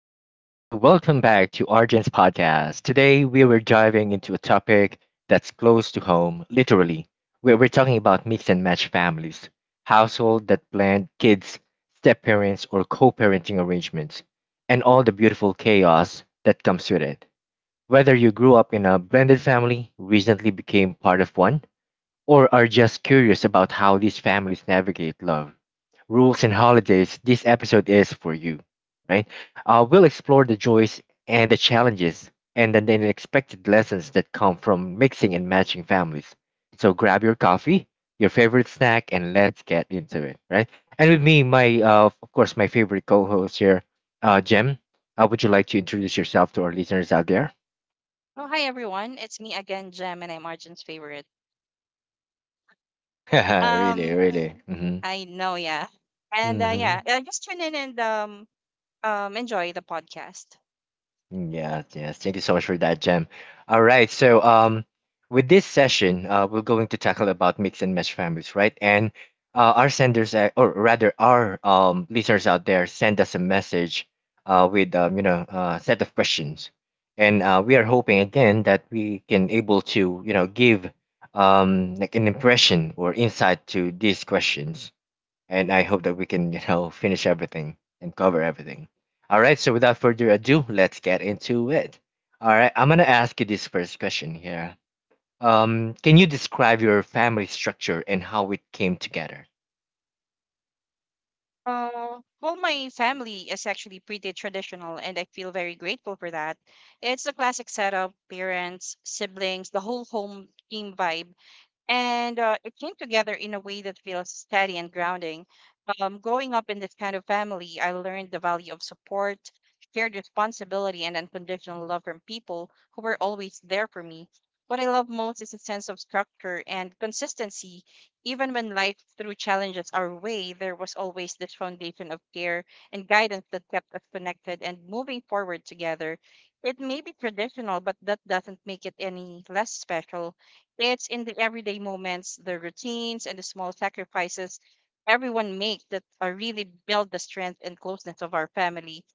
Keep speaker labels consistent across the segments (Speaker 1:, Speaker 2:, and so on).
Speaker 1: Welcome back to Argent's podcast. Today we were diving into a topic that's close to home, literally, where we're talking about mix and match families, household that blend kids, step parents, or co parenting arrangements, and all the beautiful chaos that comes with it. Whether you grew up in a blended family, recently became part of one, or are just curious about how these families navigate love, rules, and holidays, this episode is for you. Right? We'll explore the joys and the challenges and then the unexpected lessons that come from mixing and matching families. So grab your coffee, your favorite snack, and let's get into it. Right? And with me, my of course, my favorite co-host here, Jem. Would you like to introduce yourself to our listeners out there?
Speaker 2: Oh, hi everyone. It's me again, Gem, and I'm Arjun's favorite.
Speaker 1: Really,
Speaker 2: Um,
Speaker 1: really.
Speaker 2: I know, yeah. And yeah,
Speaker 1: Hmm.
Speaker 2: just tune in and enjoy the podcast.
Speaker 1: Yes, yes. Thank you so much for that, Jem. All right. So, with this session, we're going to tackle about mix and match families, right? And our senders, or rather, our listeners out there, send us a message, with you know, a set of questions, and we are hoping again that we can able to you know give like an impression or insight to these questions, and I hope that we can, you know, finish everything and cover everything. All right, so without further ado, let's get into it. All right, I'm gonna ask you this first question here. Can you describe your family structure and how it came together?
Speaker 2: Well, my family is actually pretty traditional, and I feel very grateful for that. It's the classic setup, parents, siblings, the whole home team vibe. And it came together in a way that feels steady and grounding. Growing up in this kind of family, I learned the value of support, shared responsibility, and unconditional love from people who were always there for me. What I love most is a sense of structure and consistency. Even when life threw challenges our way, there was always this foundation of care and guidance that kept us connected and moving forward together. It may be traditional, but that doesn't make it any less special. It's in the everyday moments, the routines, and the small sacrifices everyone makes that are really build the strength and closeness of our family.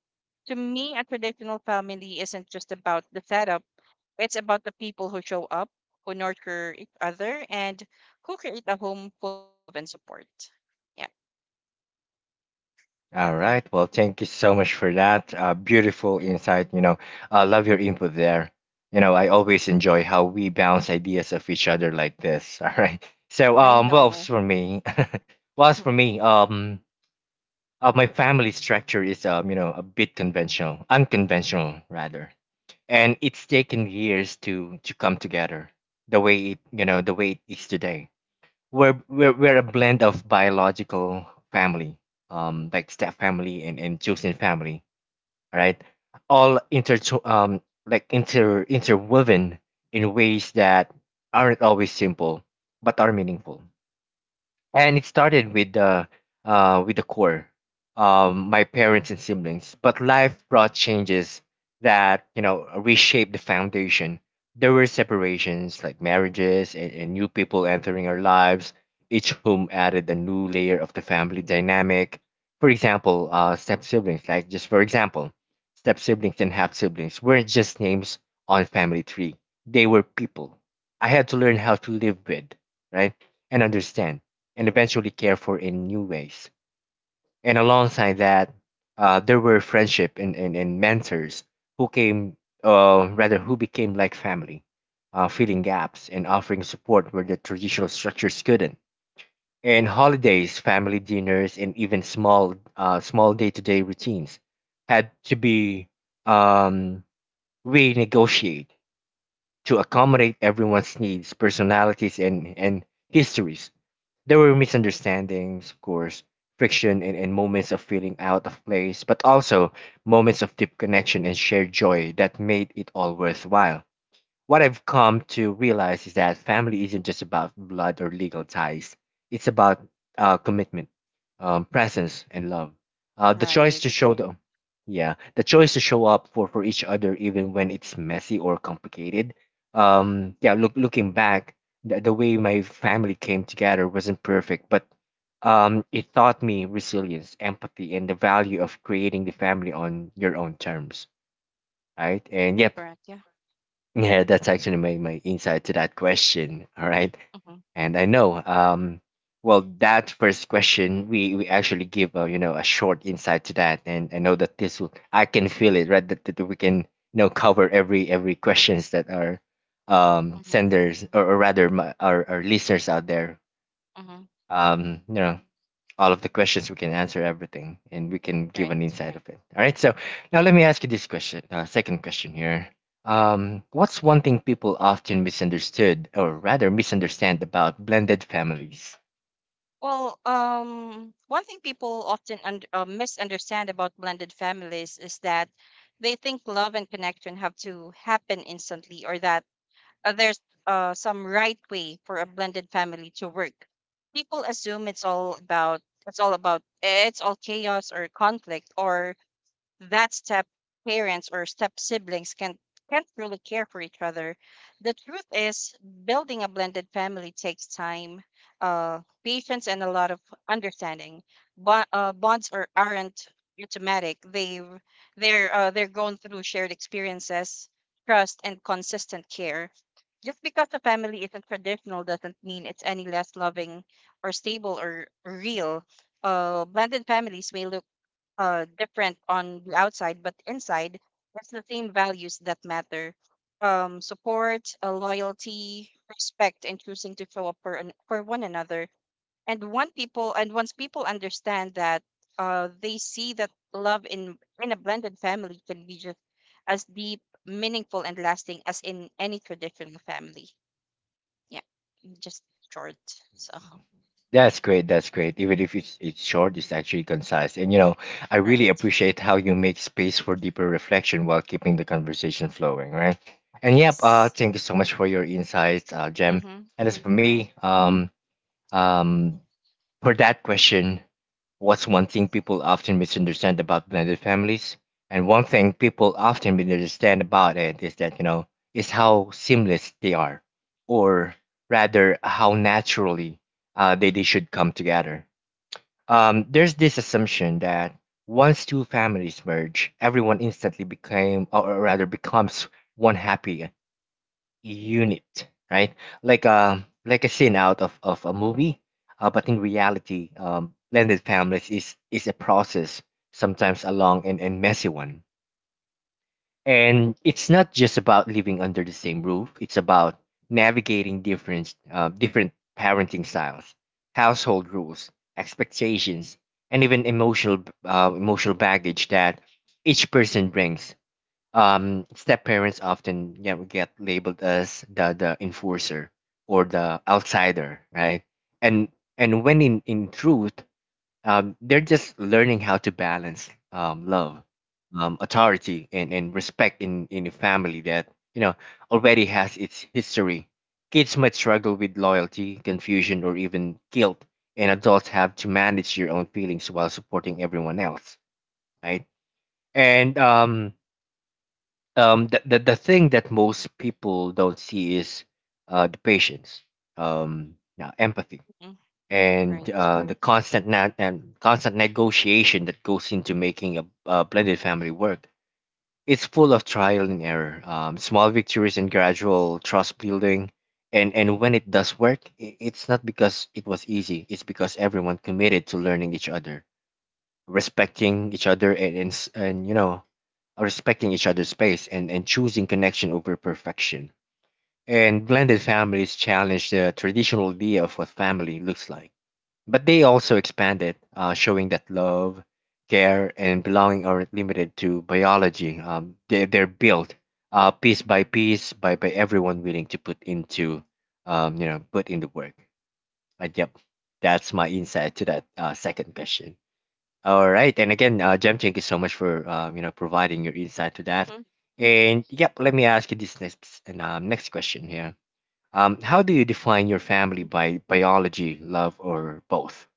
Speaker 2: To me, a traditional family isn't just about the setup, it's about the people who show up, who nurture each other, and who create a home full of love and support. Yeah, that
Speaker 1: All
Speaker 2: one.
Speaker 1: right, well, thank you so much for that beautiful insight. You know, I love your input there. You know, I always enjoy how we bounce ideas off each other like this. All right, so
Speaker 2: I
Speaker 1: well, as
Speaker 2: know.
Speaker 1: for me, well, as for
Speaker 2: Mhm.
Speaker 1: me, my family structure is, you know, a bit unconventional rather, and it's taken years to come together the way it, you know, the way it is today. We're a blend of biological family, like step family and chosen family, right? All interwoven in ways that aren't always simple, but are meaningful. And it started with the core, my parents and siblings, but life brought changes that, you know, reshaped the foundation. There were separations like marriages and new people entering our lives, each whom added a new layer of the family dynamic. For example, step siblings and half siblings weren't just names on family tree. They were people I had to learn how to live with, right, and understand and eventually care for in new ways. And alongside that, there were friendship and mentors who became like family, filling gaps and offering support where the traditional structures couldn't. And holidays, family dinners, and even small, small day-to-day routines had to be um, renegotiated to accommodate everyone's needs, personalities, and histories. There were misunderstandings, of course, friction, and moments of feeling out of place, but also moments of deep connection and shared joy that made it all worthwhile. What I've come to realize is that family isn't just about blood or legal ties. It's about commitment, presence, and love. The choice
Speaker 2: Right.
Speaker 1: to show the yeah, the choice to show up for each other even when it's messy or complicated. Looking back, the way my family came together wasn't perfect, but it taught me resilience, empathy, and the value of creating the family on your own terms, right? And yep,
Speaker 2: Correct. Yeah.
Speaker 1: yeah, that's actually my, my insight to that question. All right.
Speaker 2: Mm-hmm.
Speaker 1: And I know, well, that first question, we actually give, a you know, a short insight to that. And I know that this will, I can feel it, right? That, that we can, you know, cover every questions that our
Speaker 2: Mm-hmm.
Speaker 1: senders or rather my, our listeners out there,
Speaker 2: Mm-hmm.
Speaker 1: you know, all of the questions we can answer everything and we can give an
Speaker 2: Right.
Speaker 1: insight of it. All right, so now let me ask you this question, second question here. What's one thing people often misunderstood or rather misunderstand about blended families?
Speaker 2: Well, one thing people often und misunderstand about blended families is that they think love and connection have to happen instantly, or that there's some right way for a blended family to work. People assume it's all chaos or conflict, or that step parents or step siblings can't really care for each other. The truth is, building a blended family takes time, uh, patience, and a lot of understanding. But bonds are aren't automatic. They're going through shared experiences, trust, and consistent care. Just because a family isn't traditional doesn't mean it's any less loving or stable or real. Blended families may look different on the outside, but inside, it's the same values that matter. Support, loyalty, respect, and choosing to show up for one another. And once people understand that, they see that love in a blended family can be just as deep, meaningful, and lasting as in any traditional family. Yeah, just short. So
Speaker 1: That's great, that's great, even if it's, it's short, it's actually concise, and you know, I really
Speaker 2: right.
Speaker 1: appreciate how you make space for deeper reflection while keeping the conversation flowing, right? And yep,
Speaker 2: Yes.
Speaker 1: thank you so much for your insights, Jem.
Speaker 2: Mm-hmm.
Speaker 1: And as for me,
Speaker 2: Right.
Speaker 1: um, for that question, what's one thing people often misunderstand about blended families? And one thing people often misunderstand about it is that, you know, is how seamless they are, or rather, how naturally they should come together. There's this assumption that once two families merge, everyone instantly became, or rather, becomes one happy unit, right? Like a scene out of a movie, but in reality, blended families is a process, sometimes a long and messy one. And it's not just about living under the same roof. It's about navigating different different parenting styles, household rules, expectations, and even emotional baggage that each person brings. Step parents often, you know, get labeled as the enforcer or the outsider, right? and and when in truth, they're just learning how to balance, love, authority, and respect in a family that, you know, already has its history. Kids might struggle with loyalty confusion or even guilt, and adults have to manage your own feelings while supporting everyone else, right? and The, the thing that most people don't see is the patience, yeah, empathy,
Speaker 2: Mm-hmm.
Speaker 1: and
Speaker 2: Right.
Speaker 1: the constant nat- and constant negotiation that goes into making a blended family work. It's full of trial and error, small victories and gradual trust building. And when it does work, it's not because it was easy, it's because everyone committed to learning each other, respecting each other, and you know, respecting each other's space, and choosing connection over perfection. And blended families challenge the traditional idea of what family looks like, but they also expand it, showing that love, care, and belonging aren't limited to biology. They're built piece by piece by everyone willing to you know, put in the work. But yep, that's my insight to that second question. All right, and again, Jem, thank you so
Speaker 2: Right.
Speaker 1: much for you know, providing your insight
Speaker 2: Mm-hmm.
Speaker 1: to that. And yep, let me ask you this next and next question here. How do you define your family, by biology, love, or both?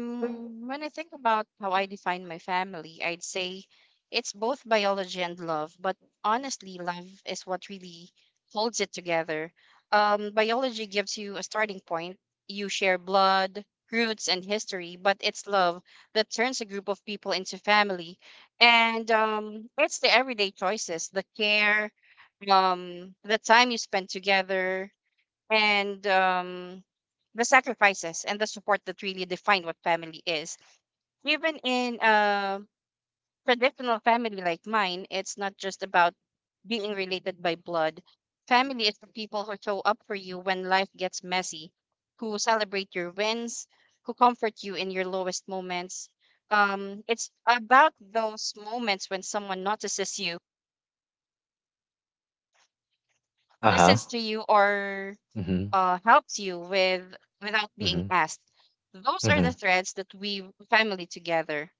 Speaker 2: When I think about how I define my family, I'd say it's both biology and love, but honestly, love is what really holds it together. Biology gives you a starting point. You share blood, roots, and history, but it's love that turns a group of people into family. And it's the everyday choices, the care, the time you spend together, and the sacrifices and the support that really define what family is. Even in a traditional family like mine, it's not just about being related by blood. Family is the people who show up for you when life gets messy, who celebrate your wins, who comfort you in your lowest moments. It's about those moments when someone notices you,
Speaker 1: Uh huh.
Speaker 2: listens to you, or
Speaker 1: Mm-hmm.
Speaker 2: helps you with without being
Speaker 1: Mm-hmm.
Speaker 2: asked. Those are the
Speaker 1: Mm-hmm.
Speaker 2: threads that we family together.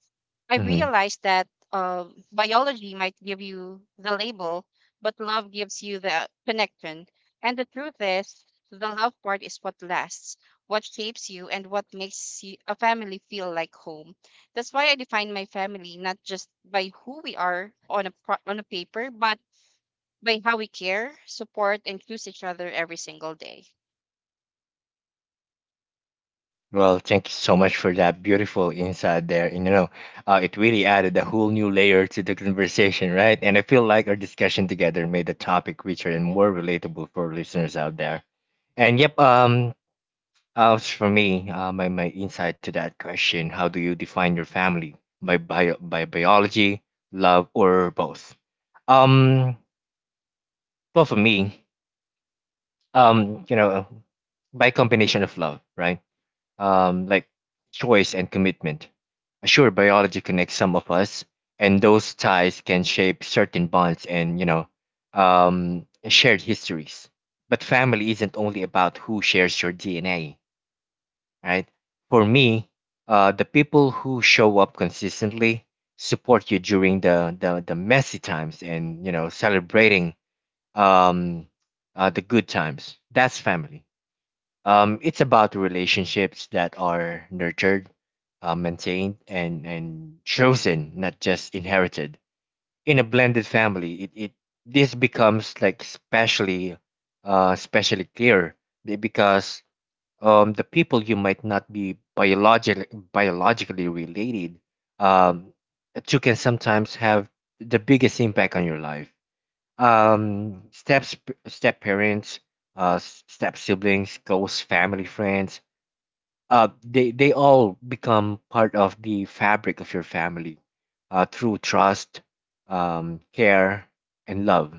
Speaker 2: I
Speaker 1: Mm-hmm.
Speaker 2: realized that uh, biology might give you the label, but love gives you the connection. And the truth is, the love part is what lasts, what shapes you, and what makes you, a family feel like home. That's why I define my family not just by who we are on a paper, but by how we care, support, and choose each other every single day.
Speaker 1: Well, thank you so much for that beautiful insight there. And you know, it really added a whole new layer to the conversation, right? And I feel like our discussion together made the topic richer and more relatable for listeners out there. And yep, as for me, my, my insight to that question, how do you define your family? By, bio, by biology, love, or both? Um, well, for me, you know, by combination of love, right? Like choice and commitment. Sure, biology connects some of us, and those ties can shape certain bonds and you know, shared histories. But family isn't only about who shares your DNA. Right? For me, the people who show up consistently support you during the, the messy times and you know celebrating um, the good times. That's family. It's about relationships that are nurtured, maintained, and chosen, not just inherited. In a blended family, it this becomes like especially especially clear, because the people you might not be biologically related, um, to can sometimes have the biggest impact on your life. Steps, step parents, step siblings, close family friends. They all become part of the fabric of your family through trust, care, and love,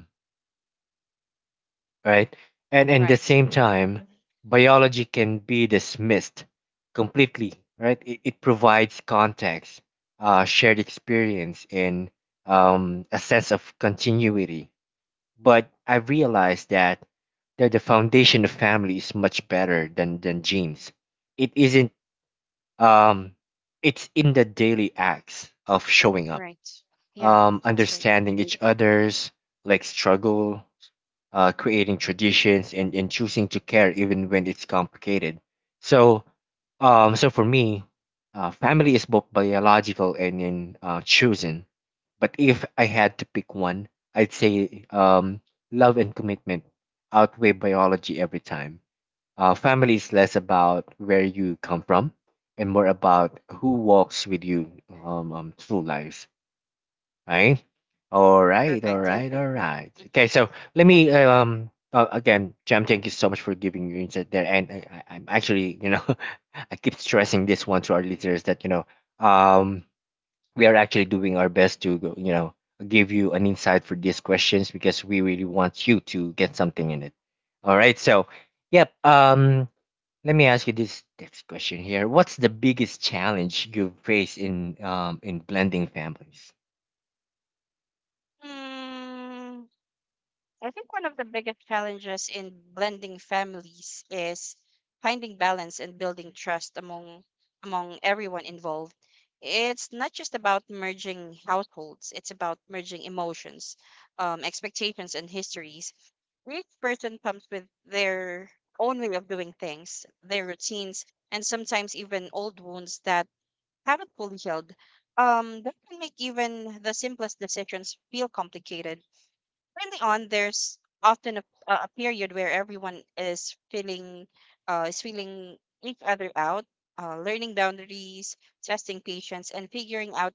Speaker 1: right? And at the
Speaker 2: Right.
Speaker 1: same
Speaker 2: hmm
Speaker 1: time, biology can be dismissed completely, right? It provides context, shared experience, and a sense of continuity. But I realized that that the foundation of family is much better than genes. It isn't. Um, it's in the daily acts of showing up,
Speaker 2: Right. Yeah, that's right.
Speaker 1: understanding each other's like struggle, creating traditions, and choosing to care even when it's complicated. So, so for me, family is both biological and, and chosen. But if I had to pick one, I'd say love and commitment outweigh biology every time. Family is less about where you come from and more about who walks with you, through life, right? All right, all
Speaker 2: Perfect. Yeah.
Speaker 1: right, all right. Okay, so let me again, Jam, thank you so much for giving your insight there. And I'm actually, you know, I keep stressing this one to our listeners that um, we are actually doing our best to, go, you know, give you an insight for these questions because we really want you to get something in it. All right, so yep. Let me ask you this next question here. What's the biggest challenge you've faced in in blending families?
Speaker 2: Mm, I think one of the biggest challenges in blending families is finding balance and building trust among everyone involved. It's not just about merging households, it's about merging emotions, expectations, and histories. Each person comes with their own way of doing things, their routines, and sometimes even old wounds that haven't fully healed, that can make even the simplest decisions feel complicated. Early on, there's often a period where everyone is feeling, uh, is feeling each other out, learning boundaries, testing patience, and figuring out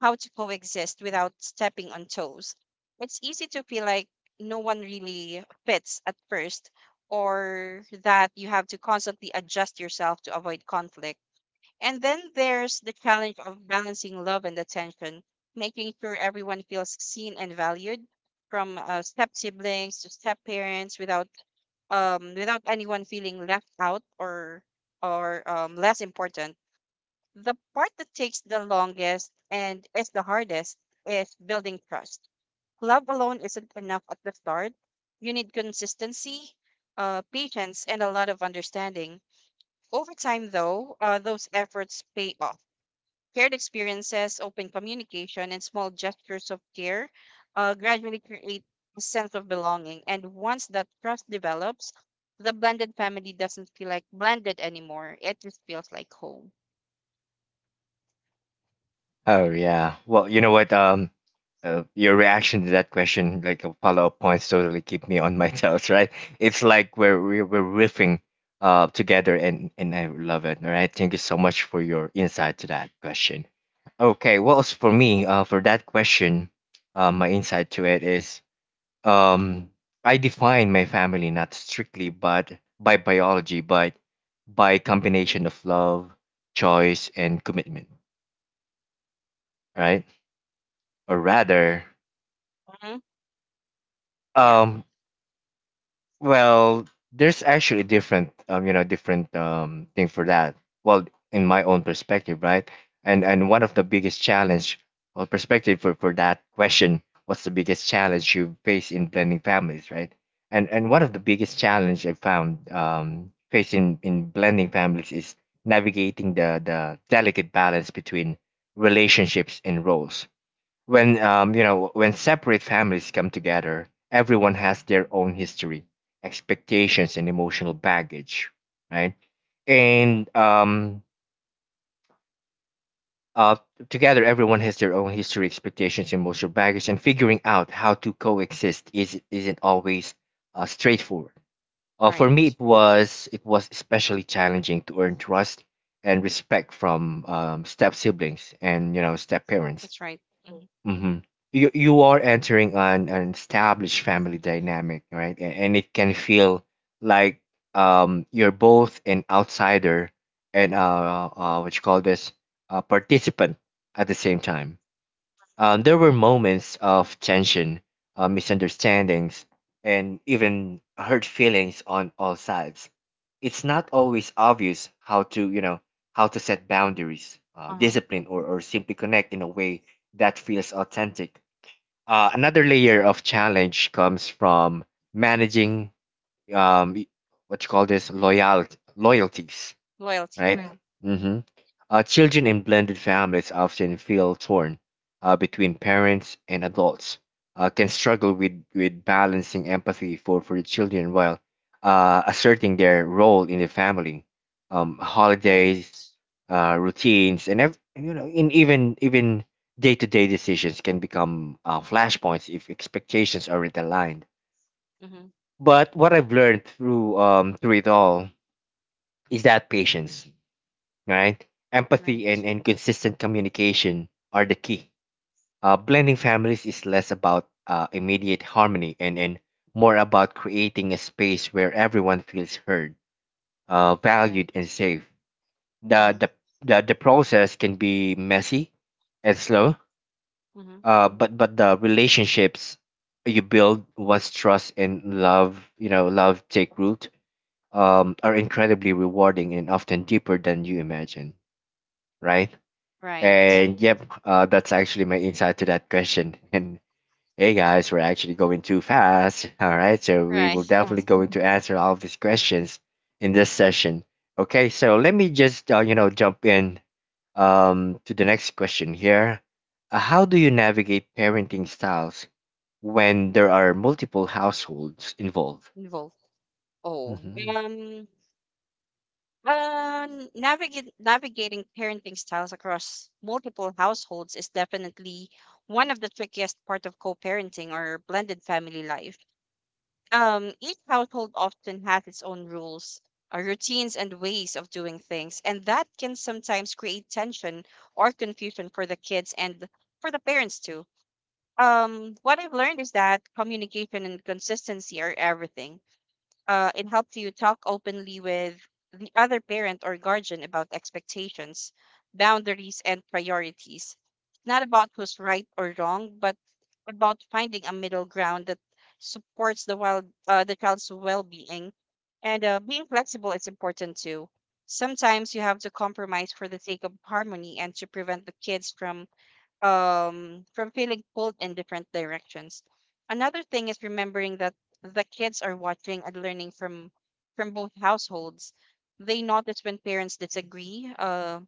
Speaker 2: how to coexist without stepping on toes. It's easy to feel like no one really fits at first, or that you have to constantly adjust yourself to avoid conflict. And then there's the challenge of balancing love and attention, making sure everyone feels seen and valued, from step siblings to step parents, without without anyone feeling left out or less important. The part that takes the longest and is the hardest is building trust. Love alone isn't enough at the start. You need consistency, patience, and a lot of understanding. Over time, though, those efforts pay off. Shared experiences, open communication, and small gestures of care gradually create a sense of belonging. And once that trust develops, the blended family doesn't feel like blended anymore. It just feels like home.
Speaker 1: Oh
Speaker 2: Hmm
Speaker 1: yeah. Well, you know what? Your reaction to that question, like a follow-up points, totally keep me on my toes, right? It's like we're riffing, together, and I love it. All right. Thank you so much for your insight to that question. Okay. Well, as for me, for that question, my insight to it is, um, I define my family not strictly but by biology, but by combination of love, choice, and commitment, right? Or rather,
Speaker 2: hmm Yeah,
Speaker 1: um well, there's actually different you know, different thing for that. Well, in my own perspective, right? And one of the biggest challenge or perspective for that question, what's the biggest challenge you face in blending families, right? And one of the biggest challenge I found facing in blending families is navigating the delicate balance between relationships and roles. When you know, when separate families come together, everyone has their own history, expectations, and emotional baggage, right? and uh, Together everyone has their own history, expectations, and emotional baggage, and figuring out how to coexist isn't always straightforward. For
Speaker 2: right.
Speaker 1: me, it was especially challenging to earn trust and respect from step siblings, and you know, step parents.
Speaker 2: That's right. hmm
Speaker 1: Hmm. You are entering an established family dynamic, right? And it can feel like you're both an outsider and what you call this, a participant at the same time. There were moments of tension, misunderstandings, and even hurt feelings on all sides. It's not always obvious how to, you know, how to set boundaries,
Speaker 2: Uh huh.
Speaker 1: discipline, or simply connect in a way that feels authentic. Another
Speaker 2: That's
Speaker 1: layer
Speaker 2: right.
Speaker 1: of challenge comes from managing um, y- what you call this, loyalties,
Speaker 2: Loyalty.
Speaker 1: right?
Speaker 2: Hmm
Speaker 1: Mm. Mm-hmm. Uh, children in blended families often feel torn between parents and adults, can struggle with balancing empathy for the children while asserting their role in the family. Holidays,
Speaker 2: Right.
Speaker 1: routines, and you know, in even day-to-day decisions can become flashpoints if expectations aren't aligned.
Speaker 2: hmm
Speaker 1: But what I've learned through through it all is that patience, right? Empathy
Speaker 2: Right.
Speaker 1: and consistent communication are the key. Blending families is less about immediate harmony and more about creating a space where everyone feels heard,
Speaker 2: Right.
Speaker 1: valued, and safe. The,
Speaker 2: hmm
Speaker 1: the, the process can be messy and slow,
Speaker 2: hmm
Speaker 1: but the relationships you build once trust and love, you know, love take root, are incredibly rewarding and often deeper than you imagine, right?
Speaker 2: Right.
Speaker 1: And yep, that's actually my insight to that question. And hey guys, we're actually going too fast. All right, so we
Speaker 2: Right.
Speaker 1: will definitely going to answer all of these questions in this session. Okay, so let me just you know, jump in to the next question here. How do you navigate parenting styles when there are multiple households involved?
Speaker 2: Involved. Oh.
Speaker 1: Mhm.
Speaker 2: Um. Uh, Navigating parenting styles across multiple households is definitely one of the trickiest part of co-parenting or blended family life. Each household often has its own rules, routines, and ways of doing things, and that can sometimes create tension or confusion for the kids and for the parents too. What I've learned is that communication and consistency are everything. Uh, it helps you talk openly with the other parent or guardian about expectations, boundaries, and priorities. It's not about who's right or wrong, but about finding a middle ground that supports the child's well-being. And being flexible is important too. Sometimes you have to compromise for the sake of harmony and to prevent the kids from feeling pulled in different directions. Another thing is remembering that the kids are watching and learning from both households. They notice when parents disagree,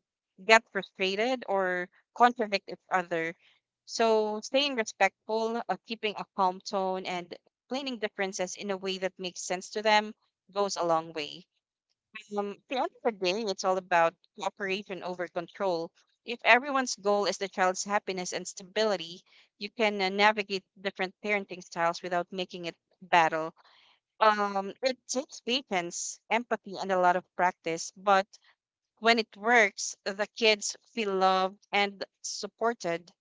Speaker 2: get frustrated, or contradict each other. So staying respectful, keeping a calm tone, and explaining differences in a way that makes sense to them goes a long way. At the end of the day, it's all about cooperation over control. If everyone's goal is the child's happiness and stability, you can navigate different parenting styles without making it a battle. It takes patience, empathy, and a lot of practice, but when it works, the kids feel loved and supported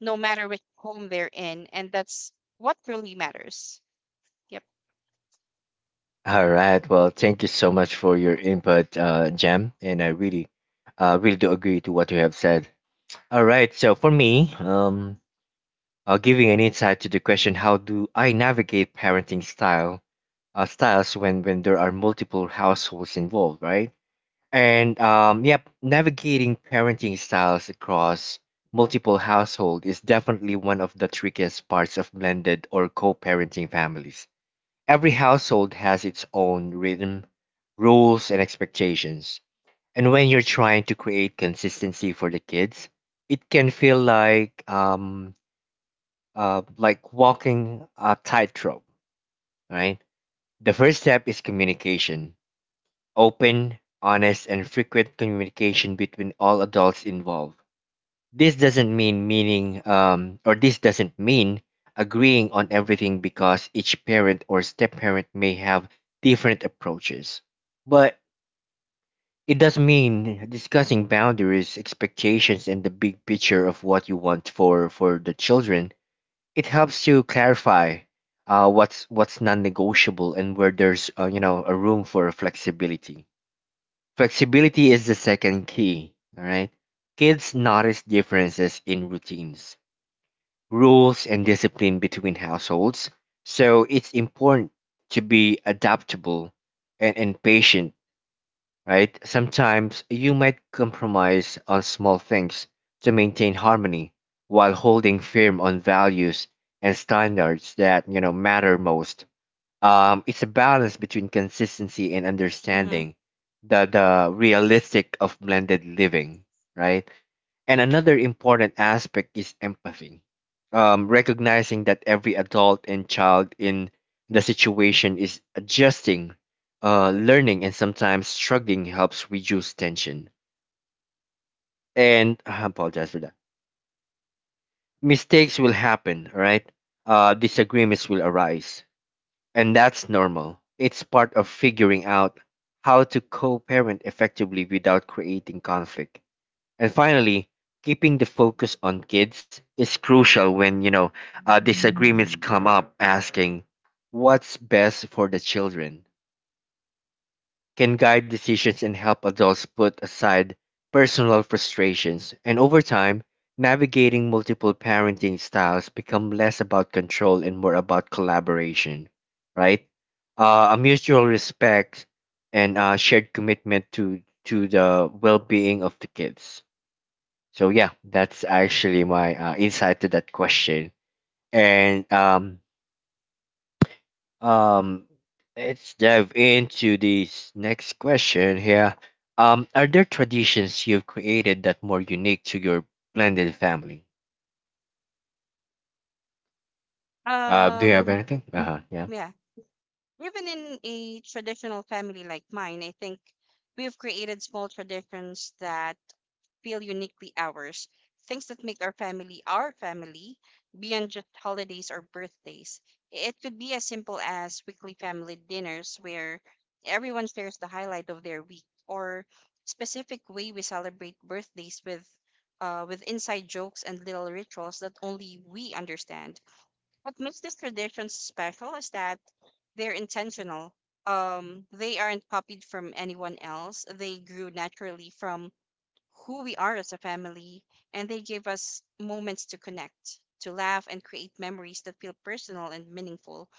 Speaker 2: no matter which home they're in, and that's what really matters. Yep.
Speaker 1: All right. Well, thank you so much for your input, Jem, and I really, really do agree to what you have said. All right. So for me, giving an insight to the question, how do I navigate parenting style styles when there are multiple households involved, right? And yep, navigating parenting styles across multiple household is definitely one of the trickiest parts of blended or co-parenting families. Every household has its own rhythm, rules, and expectations, and when you're trying to create consistency for the kids, it can feel like walking a tightrope, right? The first step is communication. Open, honest, and frequent communication between all adults involved. This doesn't mean meaning or this doesn't mean agreeing on everything because each parent or step parent may have different approaches. But it does mean discussing boundaries, expectations, and the big picture of what you want for the children. It helps you clarify what's non-negotiable and where there's you know, a room for flexibility. Flexibility is the second key. All right, kids notice differences in routines, rules, and discipline between households. So it's important to be adaptable and patient, right? Sometimes you might compromise on small things to maintain harmony while holding firm on values and standards that, you know, matter most. It's a balance between consistency and
Speaker 2: Mm-hmm.
Speaker 1: understanding the realistic of blended living, right? And another important aspect is empathy. Recognizing that every adult and child in the situation is adjusting, learning, and sometimes struggling helps reduce tension. And I apologize for that. Mistakes will happen, right? Disagreements will arise. And that's normal. It's part of figuring out how to co parent effectively without creating conflict. And finally, keeping the focus on kids is crucial when, you know, disagreements come up. Asking what's best for the children can guide decisions and help adults put aside personal frustrations. And over time, navigating multiple parenting styles become less about control and more about collaboration, right? A mutual respect and shared commitment to the well-being of the kids. So yeah, that's actually my insight to that question. And um, let's dive into this next question here. Are there traditions you've created that more unique to your blended family? Do you have
Speaker 2: Um,
Speaker 1: anything? Uh huh. Yeah.
Speaker 2: yeah. Even in a traditional family like mine, I think we've created small traditions that feel uniquely ours, things that make our family beyond just holidays or birthdays. It could be as simple as weekly family dinners where everyone shares the highlight of their week or specific way we celebrate birthdays with inside jokes and little rituals that only we understand. What makes this tradition special is that they're intentional. They aren't copied from anyone else. They grew naturally from who we are as a family, and they give us moments to connect, to laugh, and create memories that feel personal and meaningful.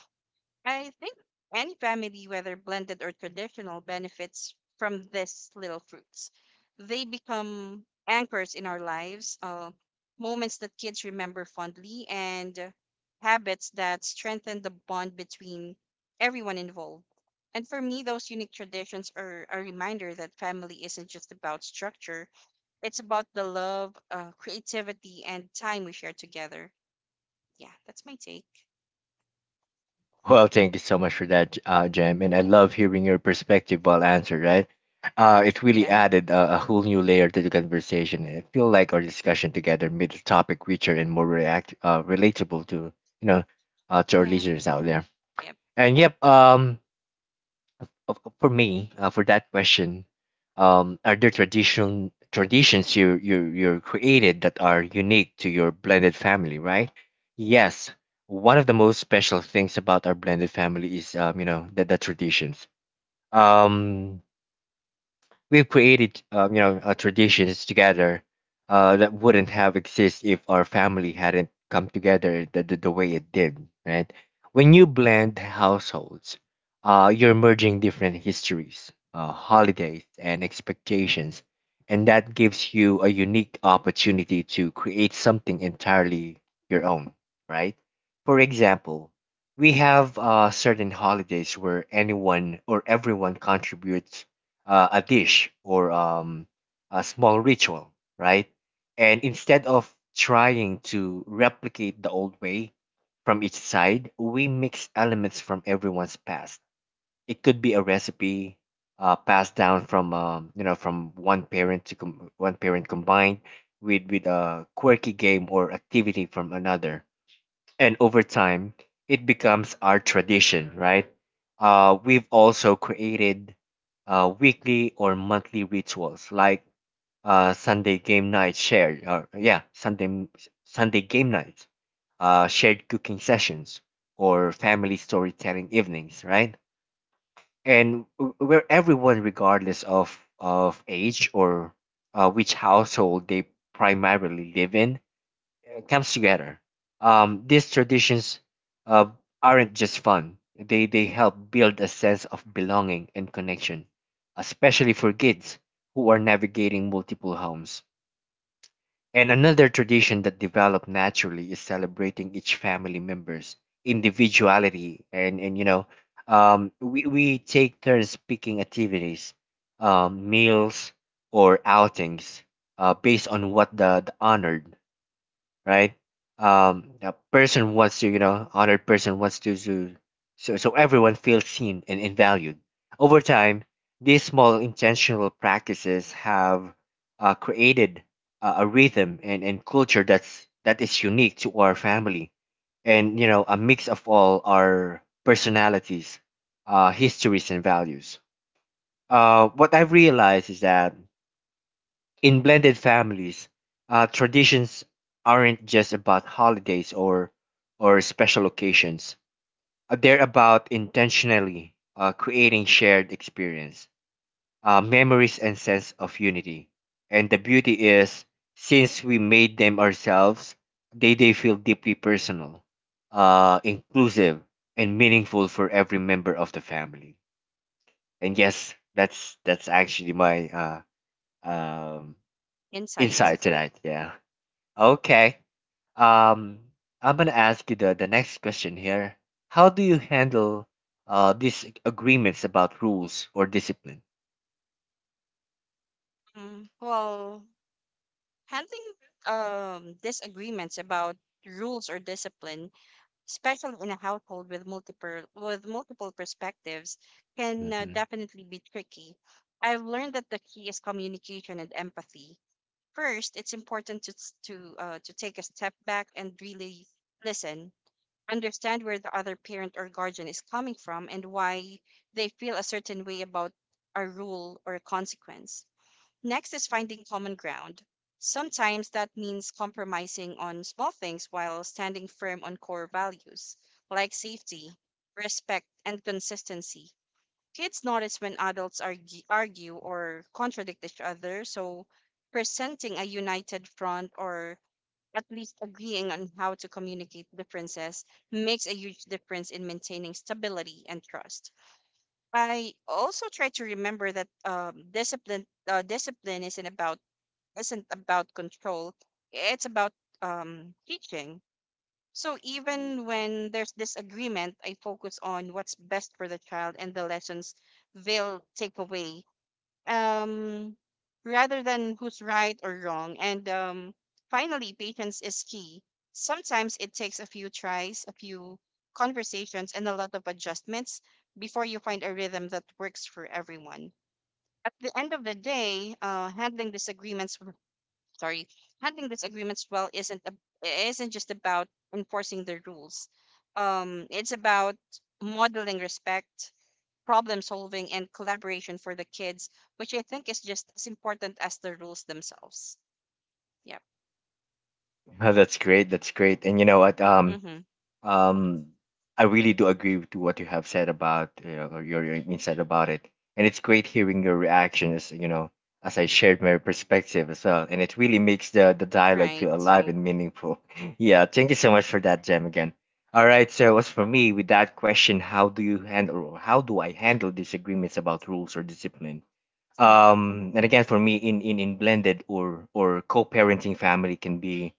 Speaker 2: I think any family, whether blended or traditional, benefits from these little fruits. They become anchors in our lives, moments that kids remember fondly, and habits that strengthen the bond between everyone involved. And for me, those unique traditions are a reminder that family isn't just about structure, it's about the love, creativity, and time we share together. Yeah, that's my take.
Speaker 1: Well, thank you so much for that, Jem, and I love hearing your perspective while answered. Right, it really
Speaker 2: Yeah,
Speaker 1: added a whole new layer to the conversation. And I feel like our discussion together made the topic richer and more react relatable to you know, to our
Speaker 2: yeah,
Speaker 1: listeners out there.
Speaker 2: yep.
Speaker 1: And yep, for me, for that question, are there traditional traditions you created that are unique to your blended family, right? Yes, one of the most special things about our blended family is you know, the traditions. Um, We've created, traditions together that wouldn't have existed if our family hadn't come together the way it did, right? When you blend households, you're merging different histories, holidays, and expectations, and that gives you a unique opportunity to create something entirely your own, right? For example, we have certain holidays where anyone or everyone contributes a dish or a small ritual, right? And instead of trying to replicate the old way from each side, we mix elements from everyone's past. It could be a recipe passed down from from one parent combined with a quirky game or activity from another, and over time it becomes our tradition, right? Uh, we've also created weekly or monthly rituals like uh, sunday game night shared or yeah sunday sunday game nights, shared cooking sessions, or family storytelling evenings, right? And where everyone, regardless of age or which household they primarily live in, comes together. These traditions uh, aren't just fun; they help build a sense of belonging and connection, especially for kids who are navigating multiple homes. And another tradition that developed naturally is celebrating each family member's individuality, and you know, we take turns picking activities, meals, or outings based on what the honored, right? A person wants to, you know, other person wants to, so everyone feels seen and valued. Over time, these small intentional practices have created a rhythm and culture that's that is unique to our family, and you know, a mix of all our personalities, histories, and values. What I've realized is that in blended families, traditions aren't just about holidays or special occasions. They're about intentionally creating shared experience, memories, and sense of unity. And the beauty is, since we made them ourselves, they feel deeply personal, inclusive, and meaningful for every member of the family. And yes, that's actually my um,
Speaker 2: Insight.
Speaker 1: insight tonight. Yeah. Okay. Um, I'm gonna ask you the next question here. How do you handle agreements about rules or discipline?
Speaker 2: Mm, well, handling disagreements about rules or discipline, especially in a household with multiple perspectives, can
Speaker 1: hmm
Speaker 2: definitely be tricky. I've learned that the key is communication and empathy. First, it's important to s- to take a step back and really listen, understand where the other parent or guardian is coming from and why they feel a certain way about a rule or a consequence. Next is finding common ground. Sometimes that means compromising on small things while standing firm on core values like safety, respect, and consistency. Kids notice when adults argue or contradict each other, so presenting a united front or at least agreeing on how to communicate differences makes a huge difference in maintaining stability and trust. I also try to remember that discipline isn't about control. It's about teaching. So even when there's disagreement, I focus on what's best for the child and the lessons they'll take away, um, rather than who's right or wrong. And finally, patience is key. Sometimes it takes a few tries, a few conversations, and a lot of adjustments before you find a rhythm that works for everyone at the end of the day, handling disagreements, sorry, handling disagreements well isn't just about enforcing the rules. It's about modeling respect, problem solving, and collaboration for the kids, which I think is just as important as the rules themselves. Yep.
Speaker 1: Oh, that's great. That's great. And you know what?
Speaker 2: Mm-hmm.
Speaker 1: Um, I really do agree with what you have said about your insight about it, and it's great hearing your reactions. You know, as I shared my perspective as well, and it really makes the dialogue feel
Speaker 2: Right.
Speaker 1: alive and meaningful. Yeah, thank you so much for that, Jam. Again. All right. So, as for me, with that question, how do you handle? Or how do I handle disagreements about rules or discipline?
Speaker 2: Mm-hmm.
Speaker 1: And again, for me, in blended or co-parenting family can be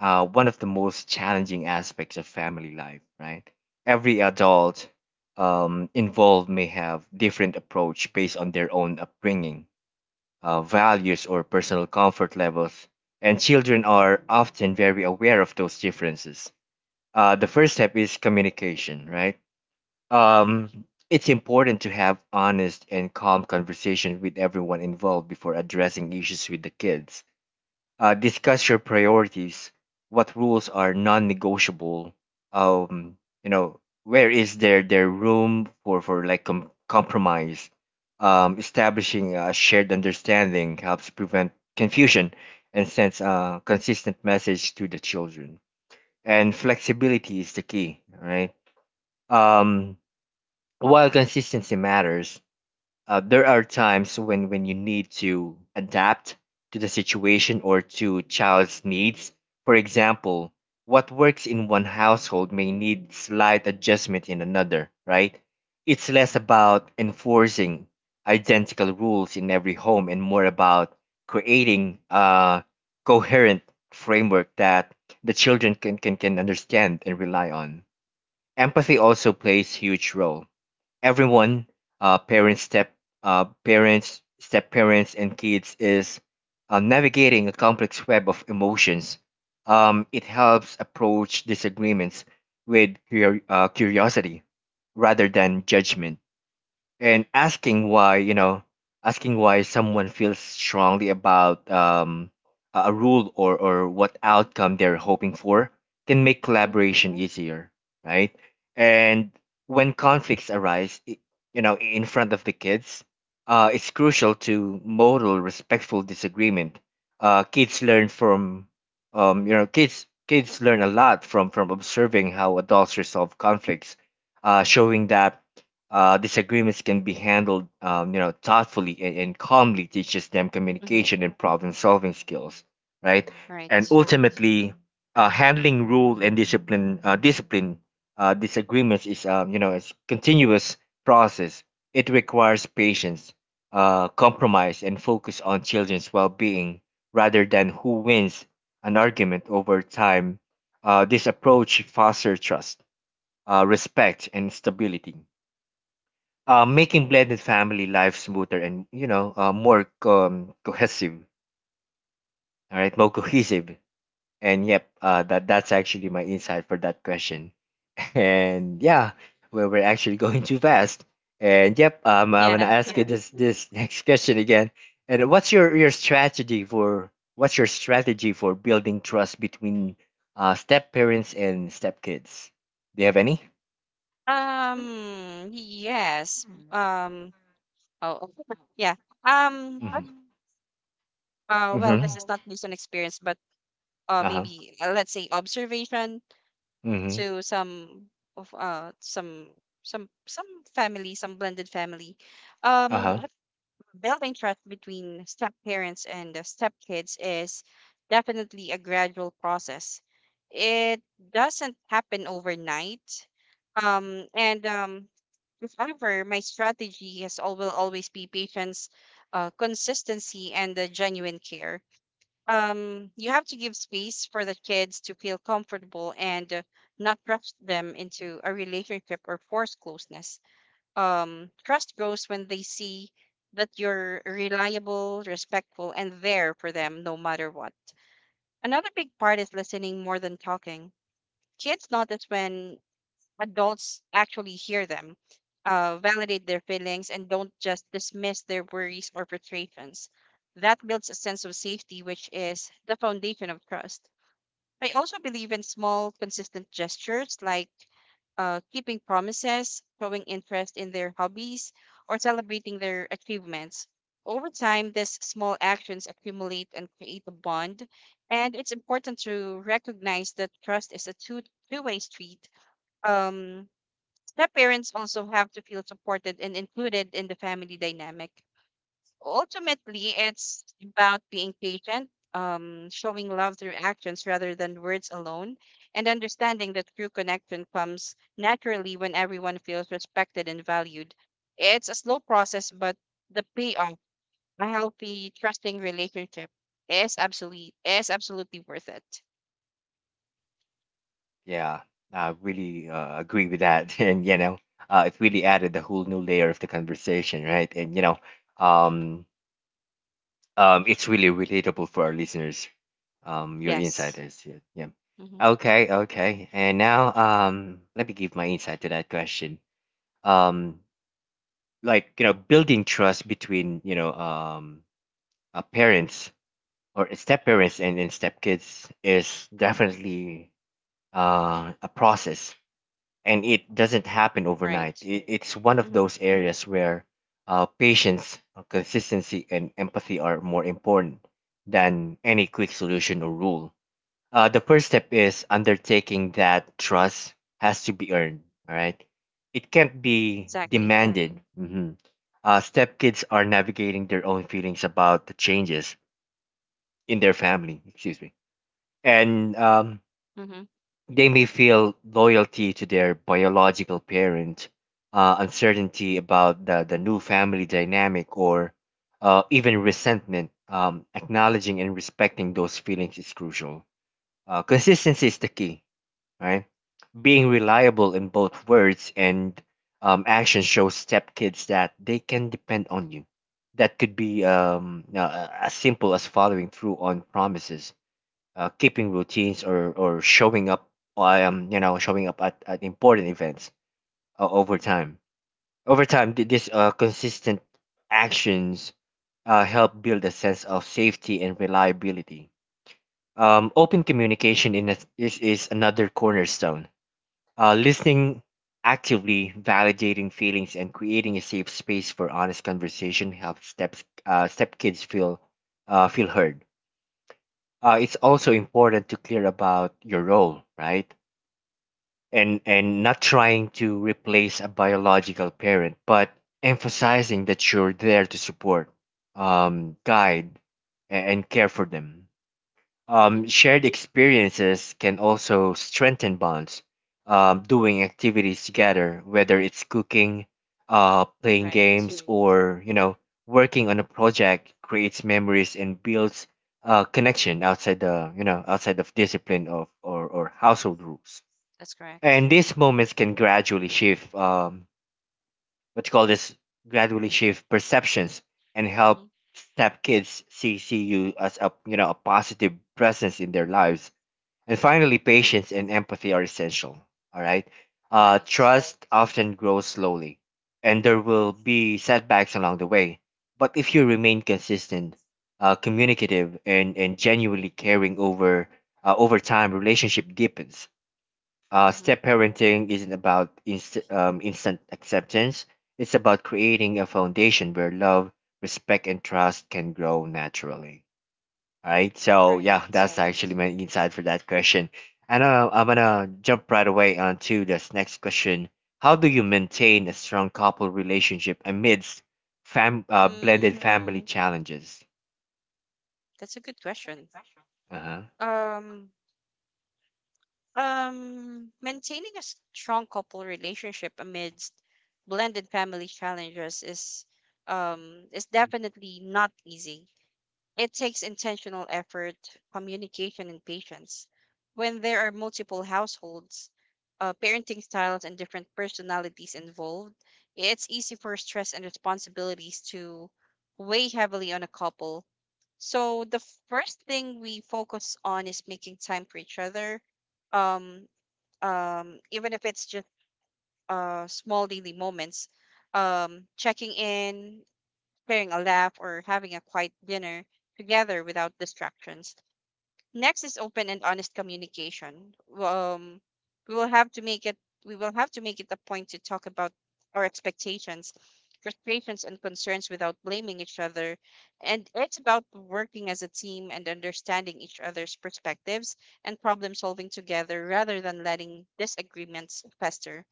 Speaker 1: one of the most challenging aspects of family life, right? Every adult involved may have different approach based on their own upbringing, values, or personal comfort levels, and children are often very aware of those differences. The first step is communication, right? Um, it's important to have honest and calm conversation with everyone involved before addressing issues with the kids. Uh, discuss your priorities, what rules are non-negotiable, um you know, where is there room for like compromise. Um establishing a shared understanding helps prevent confusion and sends a consistent message to the children. And flexibility is the key, right? um while consistency matters, there are times when you need to adapt to the situation or to child's needs. For example, what works in one household may need slight adjustment in another, right? It's less about enforcing identical rules in every home and more about creating a coherent framework that the children can understand and rely on. Empathy also plays huge role. Everyone, uh, parents step parents, step parents, and kids is navigating a complex web of emotions. Um, it helps approach disagreements with curiosity rather than judgment, and asking why. Asking why someone feels strongly about a rule or what outcome they're hoping for can make
Speaker 2: Mm-hmm.
Speaker 1: collaboration easier, right? And when conflicts arise, you know, in front of the kids, it's crucial to model respectful disagreement. Kids learn from, you know, kids learn a lot from observing how adults resolve conflicts. Showing that disagreements can be handled, you know, thoughtfully and calmly teaches them
Speaker 2: Mm-hmm.
Speaker 1: communication and problem-solving skills, right? And
Speaker 2: Right.
Speaker 1: ultimately, handling rule and discipline, disagreements is, you know, it's continuous process. It requires patience, compromise, and focus on children's well-being rather than who wins an argument over time. This approach fosters trust, respect, and stability, making blended family life smoother and, you know, more, cohesive. All right, more cohesive. And yep, that's actually my insight for that question. And yeah, well, we're actually going too fast. And yep, I'm gonna
Speaker 2: Yeah.
Speaker 1: ask you this next question again. And what's your strategy for building trust between step parents and step kids? Do you have any?
Speaker 2: Yes. Um. Oh. Yeah. Um.
Speaker 1: Mm-hmm.
Speaker 2: Well, this
Speaker 1: Mm-hmm.
Speaker 2: is not based on experience, but
Speaker 1: Uh-huh.
Speaker 2: maybe let's say observation
Speaker 1: Mm-hmm.
Speaker 2: to some of some family some blended family um
Speaker 1: Uh-huh.
Speaker 2: building trust between step parents and step kids is definitely a gradual process. It doesn't happen overnight. And If ever, my strategy will always be patience, consistency, and genuine care. You have to give space for the kids to feel comfortable, and not rush them into a relationship or force closeness. Trust grows when they see that you're reliable, respectful, and there for them no matter what. Another big part is listening more than talking. Kids notice when adults actually hear them, validate their feelings, and don't just dismiss their worries or frustrations. That builds a sense of safety, which is the foundation of trust. I also believe in small, consistent gestures like keeping promises, showing interest in their hobbies, or celebrating their achievements. Over time, these small actions accumulate and create a bond, and it's important to recognize that trust is a two way street. Um, the parents also have to feel supported and included in the family dynamic. Ultimately, it's about being patient, showing love through actions rather than words alone, and understanding that true connection comes naturally when everyone feels respected and valued. It's a slow process, but the payoff, a healthy, trusting relationship, is absolutely worth it.
Speaker 1: Yeah, I really agree with that, and you know, it really added a whole new layer of the conversation, right? And you know, um, it's really relatable for our listeners. Your insight
Speaker 2: Yes.
Speaker 1: is, yeah, yeah.
Speaker 2: Hmm.
Speaker 1: Okay, okay. And now, let me give my insight to that question. Um, like you know, building trust between, you know, parents or step parents and step kids is definitely a process, and it doesn't happen overnight.
Speaker 2: Right.
Speaker 1: It, it's one of
Speaker 2: Hmm.
Speaker 1: those areas where patience, consistency, and empathy are more important than any quick solution or rule. The first step is undertaking that trust has to be earned. All right, it can't be
Speaker 2: Exactly.
Speaker 1: demanded. Step kids are navigating their own feelings about the changes in their family. Excuse me, and
Speaker 2: Hmm.
Speaker 1: they may feel loyalty to their biological parent, uncertainty about the new family dynamic, or even resentment. Acknowledging and respecting those feelings is crucial. Consistency is the key, right? Being reliable in both words and, action shows stepkids that they can depend on you. That could be as simple as following through on promises, keeping routines, or showing up. I You know, showing up at important events. uh, over time Over time, these consistent actions help build a sense of safety and reliability. Um, open communication is another cornerstone. Uh, listening actively, validating feelings, and creating a safe space for honest conversation helps step kids feel heard. Uh, it's also important to clear about your role, right? And not trying to replace a biological parent, but emphasizing that you're there to support, guide, and care for them. Um,
Speaker 2: Hmm.
Speaker 1: shared experiences can also strengthen bonds. Um, doing activities together, whether it's cooking, playing
Speaker 2: Right.
Speaker 1: games, or, you
Speaker 2: Mm-hmm.
Speaker 1: know, working on a project, creates memories and builds connection outside the, you know, outside of discipline of, or household rules.
Speaker 2: That's correct.
Speaker 1: And these moments can gradually shift, what you call this gradually shift perceptions and
Speaker 2: Mm-hmm.
Speaker 1: help step kids see you as a, you know, a positive presence in their lives. And finally, patience and empathy are essential. All right,
Speaker 2: Right.
Speaker 1: trust often grows slowly, and there will be setbacks along the way. But if you remain consistent, communicative, and genuinely caring, over time, relationship deepens. Uh,
Speaker 2: Mm-hmm.
Speaker 1: step parenting isn't about instant acceptance. It's about creating a foundation where love, respect, and trust can grow naturally. All right. So yeah,
Speaker 2: Right.
Speaker 1: that's actually my insight for that question. And I'm gonna jump right away onto this next question. How do you maintain a strong couple relationship amidst
Speaker 2: Hmm.
Speaker 1: blended family challenges?
Speaker 2: That's a good question.
Speaker 1: Uh huh.
Speaker 2: Um. Maintaining a strong couple relationship amidst blended family challenges is definitely not easy. It takes intentional effort, communication, and patience. When there are multiple households, parenting styles, and different personalities involved, it's easy for stress and responsibilities to weigh heavily on a couple. So the first thing we focus on is making time for each other, um, even if it's just small daily moments, checking in, sharing a laugh, or having a quiet dinner together without distractions. Next is open and honest communication. Um, we will have to make it we will have to make it a point to talk about our expectations, frustrations, and concerns without blaming each other. And it's about working as a team and understanding each other's perspectives and problem solving together rather than letting disagreements fester.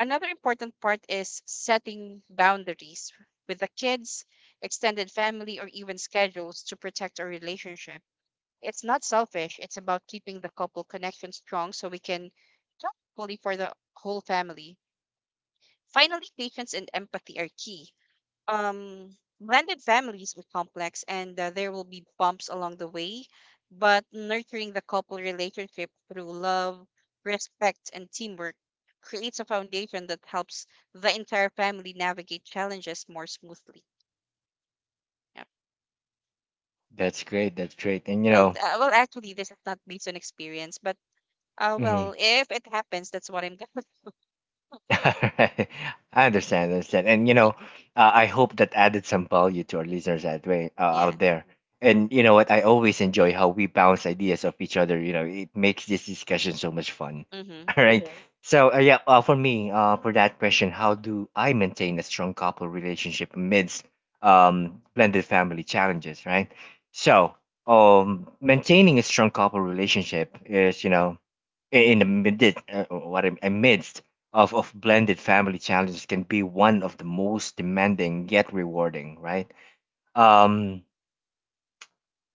Speaker 2: Another important part is setting boundaries with the kids, extended family, or even schedules to protect our relationship. It's not selfish, it's about keeping the couple connection strong so we can jump fully for the whole family. Finally, patience and empathy are key um, Blended families with complex, and there will be bumps along the way, but nurturing the couple relationship through love, respect, and teamwork creates a foundation that helps the entire family navigate challenges more smoothly. Yeah.
Speaker 1: That's great. That's great. And you
Speaker 2: Well,
Speaker 1: know.
Speaker 2: well, actually, this is not based on experience, but
Speaker 1: Mhm.
Speaker 2: well, if it happens, that's what I'm gonna.
Speaker 1: I understand, and you know, I hope that added some value to our listeners that way,
Speaker 2: Yeah.
Speaker 1: out there. And you know what? I always enjoy how we bounce ideas off each other. You know, it makes this discussion so much fun.
Speaker 2: Mm-hmm.
Speaker 1: All right. So yeah, for me, for that question, how do I maintain a strong couple relationship amidst blended family challenges? Right. So, maintaining a strong couple relationship is, you know, in the midst, amidst of blended family challenges can be one of the most demanding yet rewarding, right? Um,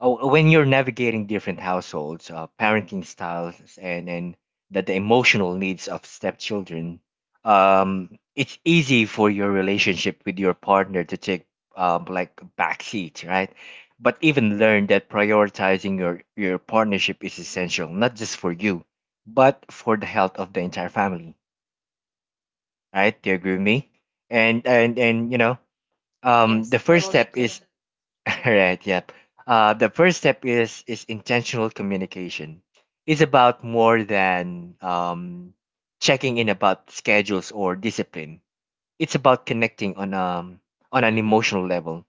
Speaker 1: Oh, when you're navigating different households, parenting styles, and the emotional needs of stepchildren, it's easy for your relationship with your partner to take like backseat, right? But even learn that prioritizing your partnership is essential, not just for you, but for the health of the entire family, right? Do you agree with me? And you know,
Speaker 2: Yes,
Speaker 1: the first
Speaker 2: totally
Speaker 1: step
Speaker 2: agree.
Speaker 1: is Right, yep. The first step is intentional communication. It's about more than, checking in about schedules or discipline. It's about connecting on an
Speaker 2: Mm-hmm.
Speaker 1: emotional level,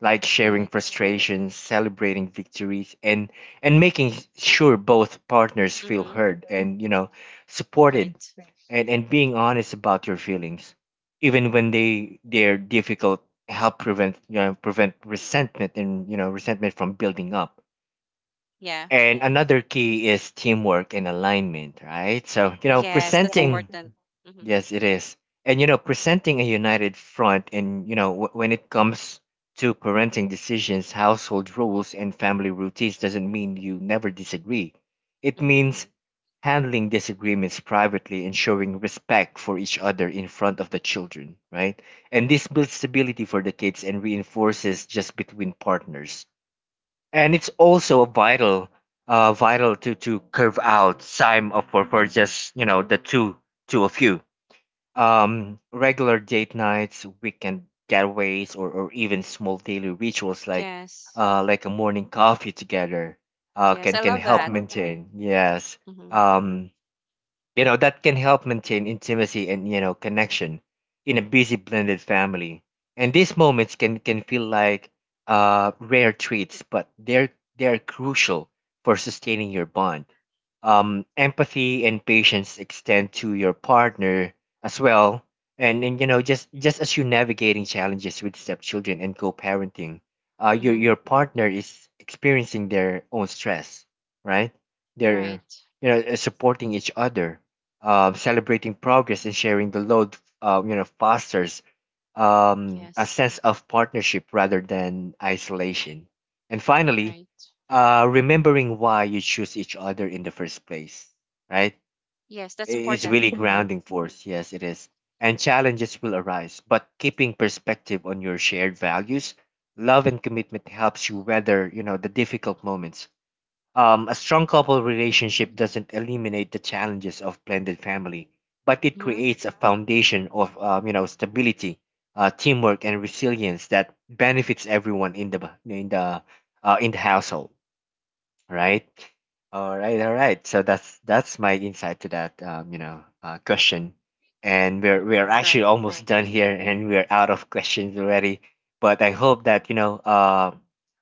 Speaker 1: like sharing
Speaker 2: Right.
Speaker 1: frustrations, celebrating victories, and making sure both partners feel
Speaker 2: Mm-hmm.
Speaker 1: heard and, you know, supported,
Speaker 2: Right.
Speaker 1: and being honest about your feelings, even when they're difficult, help prevent, you know, prevent resentment and, you know, resentment from building up.
Speaker 2: Yeah.
Speaker 1: And
Speaker 2: Mm-hmm.
Speaker 1: another key is teamwork and alignment, right? So, you know,
Speaker 2: Yes, that's
Speaker 1: presenting
Speaker 2: important. Mm-hmm.
Speaker 1: yes it is. And you know, presenting a united front, and you know, when it comes to parenting decisions, household rules, and family routines doesn't mean you never disagree. It
Speaker 2: Mm-hmm.
Speaker 1: means handling disagreements privately and showing respect for each other in front of the children, right? And this builds stability for the kids and reinforces just between partners. And it's also vital, to curve out time of for, just, you know, the two to a few, regular date nights, weekend getaways, or even small daily rituals
Speaker 2: Yes.
Speaker 1: like a morning coffee together,
Speaker 2: Yes,
Speaker 1: can
Speaker 2: I love
Speaker 1: help
Speaker 2: that.
Speaker 1: maintain, yes,
Speaker 2: Mm-hmm.
Speaker 1: um, you know, that can help maintain intimacy and, you know, connection in a busy blended family. And these moments can feel like rare treats, but they're crucial for sustaining your bond. Um, empathy and patience extend to your partner as well. And you know, just as you're navigating challenges with stepchildren and co-parenting, your
Speaker 2: Mm-hmm.
Speaker 1: partner is experiencing their own stress, right? They're,
Speaker 2: Right.
Speaker 1: you know, supporting each other, celebrating progress, and sharing the load, you know, fosters, a
Speaker 2: Yes.
Speaker 1: sense of partnership rather than isolation. And finally,
Speaker 2: Right.
Speaker 1: remembering why you choose each other in the first place, right?
Speaker 2: Yes, that's
Speaker 1: I- It's
Speaker 2: important.
Speaker 1: really
Speaker 2: Mm-hmm.
Speaker 1: grounding force. Yes, it is. And challenges will arise, but keeping perspective on your shared values, love, and commitment helps you weather, the difficult moments. A strong couple relationship doesn't eliminate the challenges of blended family, but it
Speaker 2: Mm-hmm.
Speaker 1: creates a foundation of stability, teamwork, and resilience that benefits everyone in the in the household. Right. All right. All right. So that's my insight to that question, and we're
Speaker 2: That's
Speaker 1: actually
Speaker 2: right.
Speaker 1: almost done here, and we're out of questions already. But I hope that you know uh,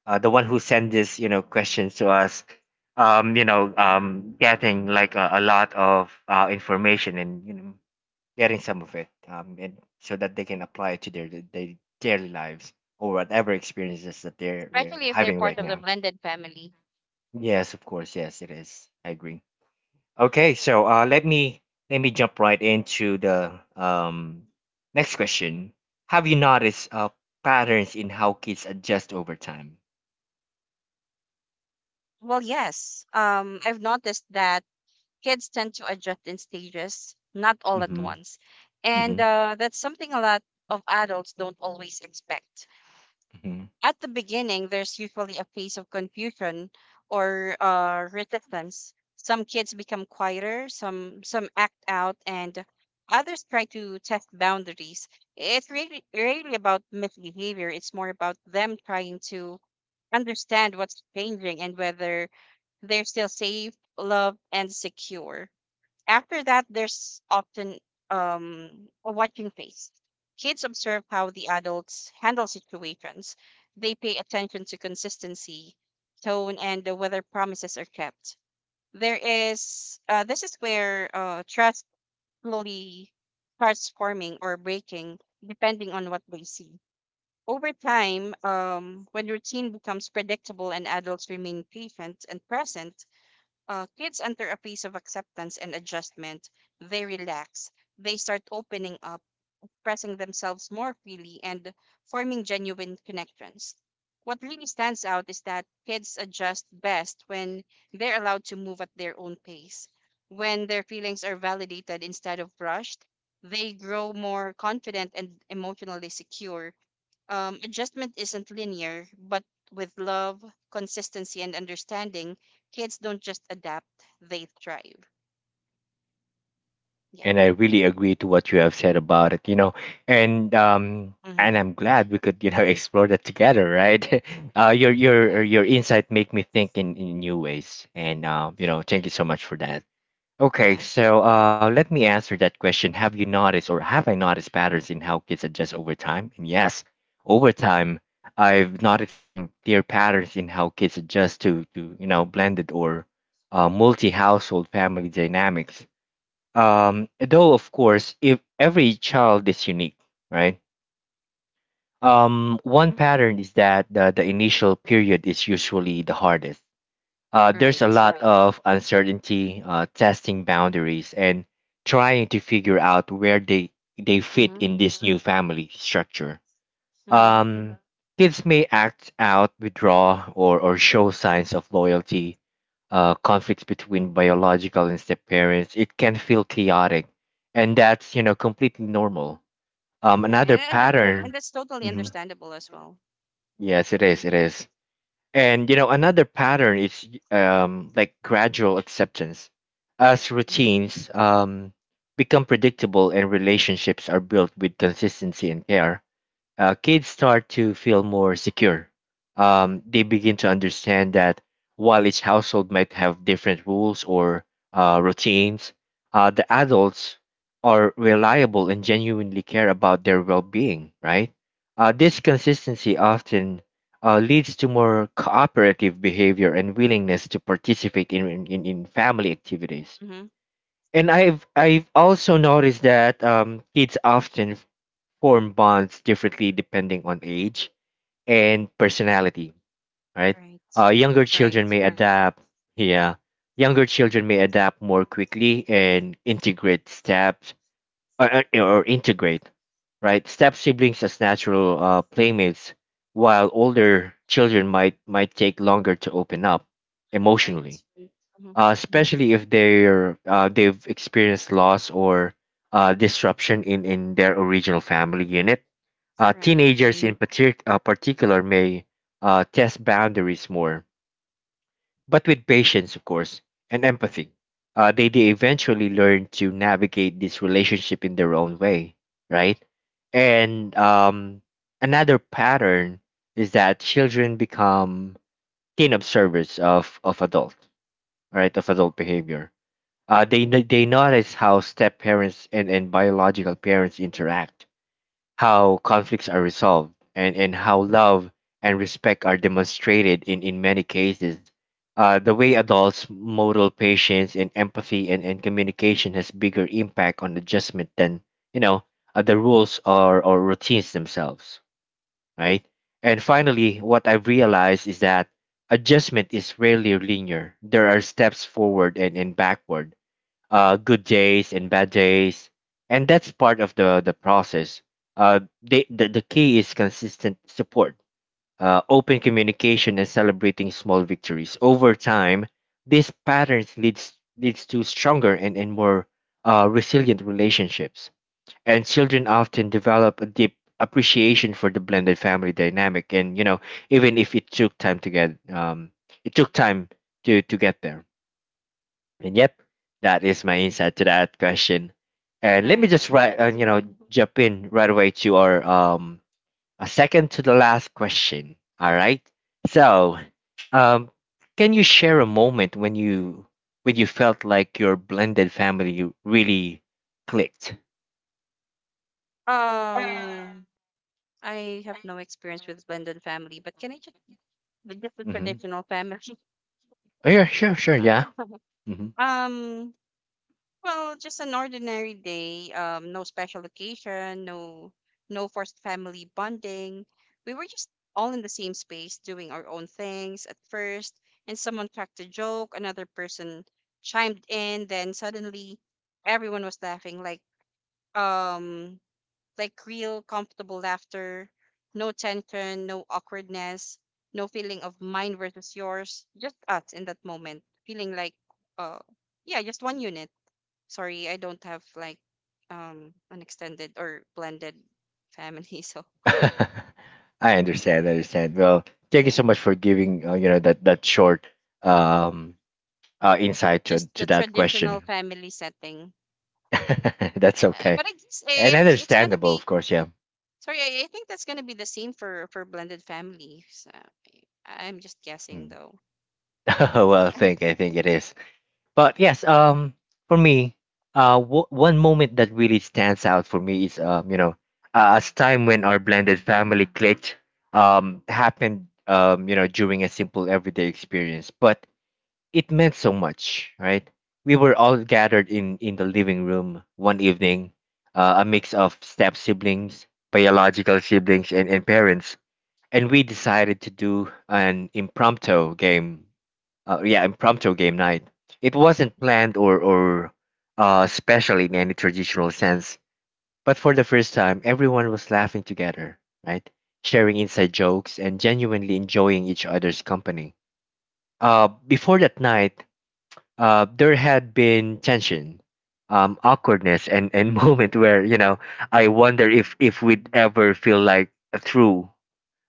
Speaker 1: uh, the one who sent this questions to us, getting like a lot of information and getting some of it, and so that they can apply it to their daily lives or whatever experiences that they're
Speaker 2: Especially if they're
Speaker 1: having right
Speaker 2: part of the
Speaker 1: now.
Speaker 2: blended family.
Speaker 1: Yes, of course. Yes, it is. I agree. Okay, so let me jump right into the next question. Have you noticed patterns in how kids adjust over time?
Speaker 2: Well, yes. I've noticed that kids tend to adjust in stages, not all at
Speaker 1: Mm-hmm.
Speaker 2: once.
Speaker 1: Mm-hmm.
Speaker 2: And that's something a lot of adults don't always expect.
Speaker 1: Hmm.
Speaker 2: At the beginning, there's usually a phase of confusion or resistance. Some kids become quieter, some act out, and others try to test boundaries. It's really about misbehavior. It's more about them trying to understand what's changing and whether they're still safe, loved, and secure. After that, there's often a watching phase. Kids observe how the adults handle situations. They pay attention to consistency, tone, and whether promises are kept. There is this is where trust slowly starts forming or breaking, depending on what they see. Over time, when routine becomes predictable and adults remain patient and present, kids enter a phase of acceptance and adjustment. They relax, they start opening up, expressing themselves more freely, and forming genuine connections. What really stands out is that kids adjust best when they're allowed to move at their own pace. When their feelings are validated instead of rushed, they grow more confident and emotionally secure. Adjustment isn't linear, but with love, consistency, and understanding, kids don't just adapt, they thrive. Yeah.
Speaker 1: And I really agree to what you have said about it, and
Speaker 2: Mm-hmm.
Speaker 1: I'm glad we could, explore that together, right? Uh, your your
Speaker 2: Yeah,
Speaker 1: your insight make me think in new ways, and thank you so much for that. Okay,
Speaker 2: yeah,
Speaker 1: so let me answer that question. Have you noticed, or have I noticed patterns in how kids adjust over time? And yes, over time, I've noticed some clear patterns in how kids adjust to blended or multi-household family dynamics. Though, of course, if every child is unique, right? One pattern is that the initial period is usually the hardest. There's a
Speaker 2: right.
Speaker 1: lot of uncertainty, testing boundaries, and trying to figure out where they fit
Speaker 2: Mm-hmm.
Speaker 1: in this new family structure.
Speaker 2: Mm-hmm.
Speaker 1: Um, kids may act out, withdraw, or show signs of loyalty. Conflicts between biological and step parents, it can feel chaotic, and that's completely normal.
Speaker 2: Yeah.
Speaker 1: Another
Speaker 2: And
Speaker 1: pattern.
Speaker 2: that's totally
Speaker 1: Mhm.
Speaker 2: understandable as well.
Speaker 1: Yes, it
Speaker 2: Mm-hmm.
Speaker 1: is. It is. And another pattern is like gradual acceptance. As
Speaker 2: Mm-hmm.
Speaker 1: routines become predictable and relationships are built with consistency and care, kids start to feel more secure. They begin to understand that while each household might have different rules or routines, the adults are reliable and genuinely care about their well being, right? This consistency often leads to more cooperative behavior and willingness to participate in family activities.
Speaker 2: Mm-hmm.
Speaker 1: And I've also noticed that kids often form bonds differently depending on age and personality, right?
Speaker 2: Right,
Speaker 1: Uh, younger children
Speaker 2: right,
Speaker 1: may adapt, yeah, younger children may adapt more quickly and integrate steps or integrate, right? Step siblings as natural playmates, while older children might take longer to open up
Speaker 2: right,
Speaker 1: emotionally,
Speaker 2: Mm-hmm.
Speaker 1: especially if they've experienced loss or disruption in their original family unit.
Speaker 2: right,
Speaker 1: Teenagers in particular may test boundaries more, but with patience, of course, and empathy. They eventually learn to navigate this relationship in their own way, right? And another pattern is that children become keen observers of adult behavior. They, no- They notice how step parents and biological parents interact, how conflicts are resolved, and how love and respect are demonstrated in many cases. The way adults model patience and empathy and communication has bigger impact on adjustment than, you know, the rules or routines themselves, right? And finally, what I've realized is that adjustment is rarely linear. There are steps forward and backward, good days and bad days, and that's part of the process. The key is consistent support, open communication, and celebrating small victories. Over time, these patterns leads to stronger and more resilient relationships. And children often develop a deep appreciation for the blended family dynamic. And even if it took time to get it took time to get there. And yep, that is my insight to that question. And let me just
Speaker 2: right.
Speaker 1: right,
Speaker 2: Mhm.
Speaker 1: jump in right away to our a second to the last question. All right. So, um, can you share a moment when you felt like your blended family really clicked?
Speaker 2: Um, I have no experience with blended family, but can I just with just the
Speaker 1: Mm-hmm.
Speaker 2: traditional family?
Speaker 1: Oh yeah, sure, sure, yeah. Hmm.
Speaker 2: Um, well, just an ordinary day. No special occasion, no forced family bonding. We were just all in the same space doing our own things at first, and someone cracked a joke, another person chimed in, then suddenly everyone was laughing um like real comfortable laughter, no tension, no awkwardness, no feeling of mine versus yours, just us in that moment, feeling like uh yeah, just one unit. Sorry, I don't have like an extended or blended family, so
Speaker 1: I understand. I understand. Well, thank you so
Speaker 2: yeah,
Speaker 1: much for giving that that short um insight to
Speaker 2: just the
Speaker 1: that
Speaker 2: traditional
Speaker 1: question.
Speaker 2: family setting.
Speaker 1: That's okay.
Speaker 2: But I guess
Speaker 1: And
Speaker 2: eh, it's gonna
Speaker 1: understandable, of
Speaker 2: be
Speaker 1: course, yeah.
Speaker 2: sorry, I think that's gonna be the same for blended families. I'm just guessing
Speaker 1: Mm.
Speaker 2: though.
Speaker 1: Well, I
Speaker 2: Um,
Speaker 1: think I think it is. But yes, for me, one moment that really stands out for me is a time when our blended family clicked happened during a simple everyday experience, but it meant so much, right? We were all gathered in the living room one evening, a mix of step siblings, biological siblings and parents, and we decided to do an impromptu game yeah impromptu game night. It wasn't planned or, special in any traditional sense, but for the first time everyone was laughing together, right, sharing inside jokes and genuinely enjoying each other's company. Before that night, there had been tension, awkwardness, and moment where I wonder if we'd ever feel like through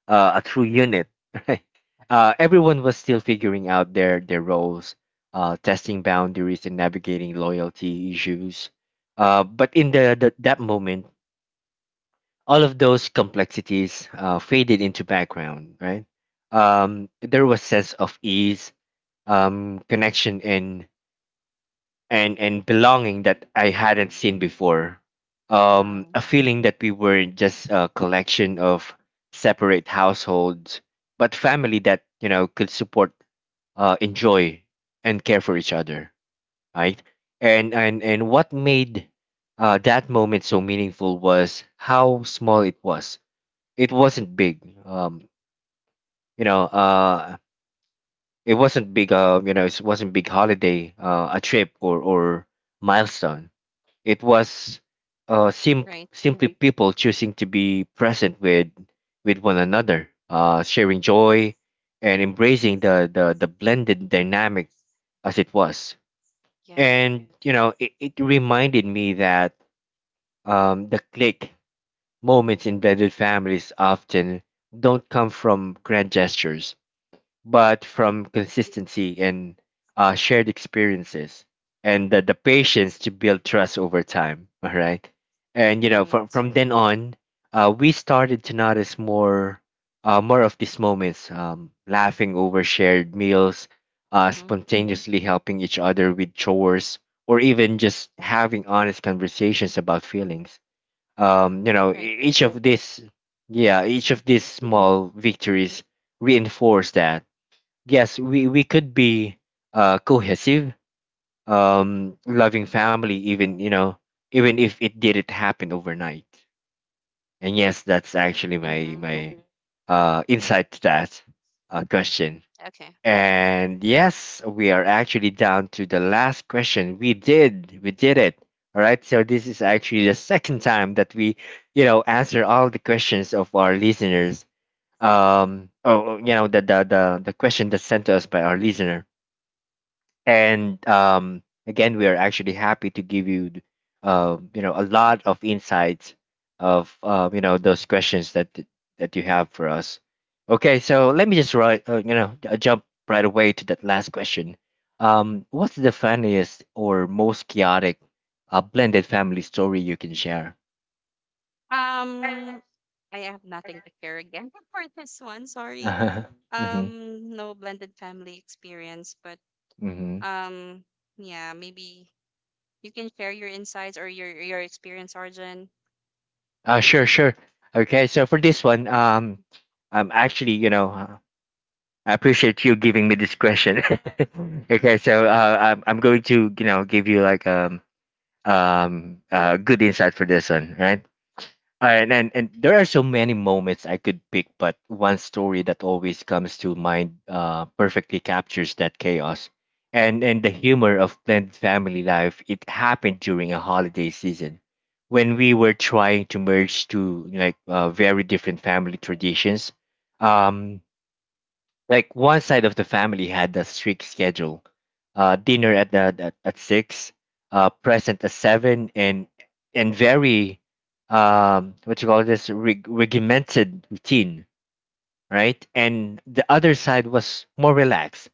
Speaker 1: a true unit. Right? Everyone was still figuring out their roles, testing boundaries and navigating loyalty issues. But in the, that moment, all of those complexities faded into background. Right? There was sense of ease, connection, and belonging that I hadn't seen before. A feeling that we weren't just a collection of separate households, but family that could support, enjoy, and care for each other, right? And what made that moment so meaningful was how small it was. It wasn't big, you know. It wasn't big. You know, it wasn't big holiday, a trip or milestone. It was
Speaker 2: right.
Speaker 1: simply people choosing to be present with one another, sharing joy and embracing the blended dynamic as it was.
Speaker 2: Yeah.
Speaker 1: And it reminded me that the click moments in blended families often don't come from grand gestures but
Speaker 2: Mm-hmm.
Speaker 1: from consistency and shared experiences and the patience to build trust over time. All right. And, you know,
Speaker 2: Right.
Speaker 1: from then on, we started to notice more of these moments, laughing over shared meals,
Speaker 2: Mm-hmm.
Speaker 1: spontaneously helping each other with chores, or even just having honest conversations about feelings. Um, you know,
Speaker 2: Right,
Speaker 1: e-
Speaker 2: right.
Speaker 1: each of these, yeah, each of
Speaker 2: Mm-hmm.
Speaker 1: these small victories reinforce that yes we could be cohesive, loving family, even even if it didn't happen overnight. And yes, that's actually my
Speaker 2: Mm-hmm.
Speaker 1: my Mhm. uh insight to that question.
Speaker 2: Okay.
Speaker 1: And yes, we are actually down to the last question. We did it. All right. So this is actually the second time that we answer all the questions of our listeners, um oh oh, you know the the the, the question that's sent to us by our listener. And again, we are actually happy to give you, a lot of insights of those questions that you have for us. Okay, so let me just write, jump right away to that last question. What's the funniest or most chaotic blended family story you can share?
Speaker 2: Um, I have nothing to share again for this one. Sorry.
Speaker 1: Mm-hmm,
Speaker 2: No blended family experience, but
Speaker 1: mm-hmm.
Speaker 2: um, yeah, maybe you can share your insights or your experience, Arjun.
Speaker 1: Sure, sure. Okay, so for this one, I'm actually, I appreciate you giving me this question. Okay, so I'm going to give you like good insight for this one, right? All right, and there are so many moments I could pick, but one story that always comes to mind perfectly captures that chaos and the humor of blended family life. It happened during a holiday season when we were trying to merge two like very different family traditions. Um, like one side of the family had a strict schedule, dinner at six, present at seven, and very what you call this regimented routine, right? And the other side was more relaxed,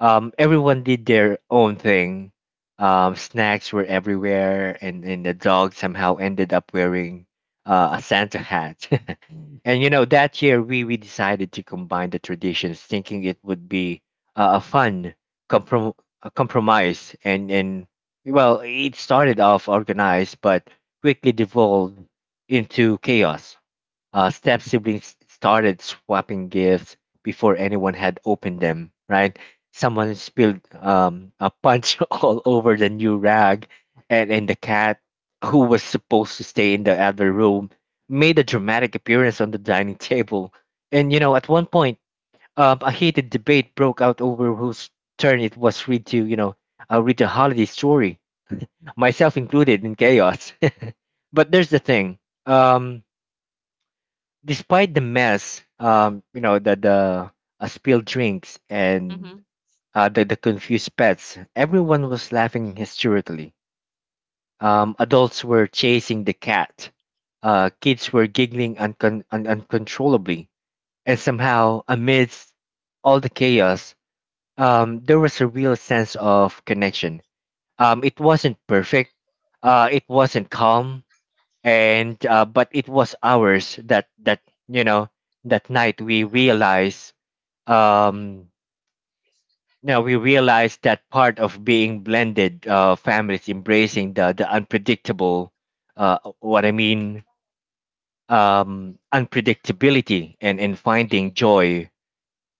Speaker 1: everyone did their own thing. Snacks were everywhere, and the dog somehow ended up wearing a Santa hat. And that year we decided to combine the traditions, thinking it would be a fun comprom- a compromise. And well, it started off organized, but quickly devolved into chaos. Step siblings started swapping gifts before anyone had opened them, right? Someone spilled a punch all over the new rag, and the cat, who was supposed to stay in the other room, made a dramatic appearance on the dining table. And, you know, at one point, a heated debate broke out over whose turn it was read to, read the holiday story, myself included in chaos. But there's the thing. Um, Despite the mess, you know, the spilled drinks and
Speaker 2: Mm-hmm.
Speaker 1: the confused pets, everyone was laughing hysterically. Adults were chasing the cat. Kids were giggling uncontrollably, and somehow, amidst all the chaos, there was a real sense of connection. It wasn't perfect. It wasn't calm, and but it was ours. That that you know That night we
Speaker 2: Uh-huh.
Speaker 1: realized um now we realized that part of being blended families embracing the unpredictable what I mean unpredictability and finding joy,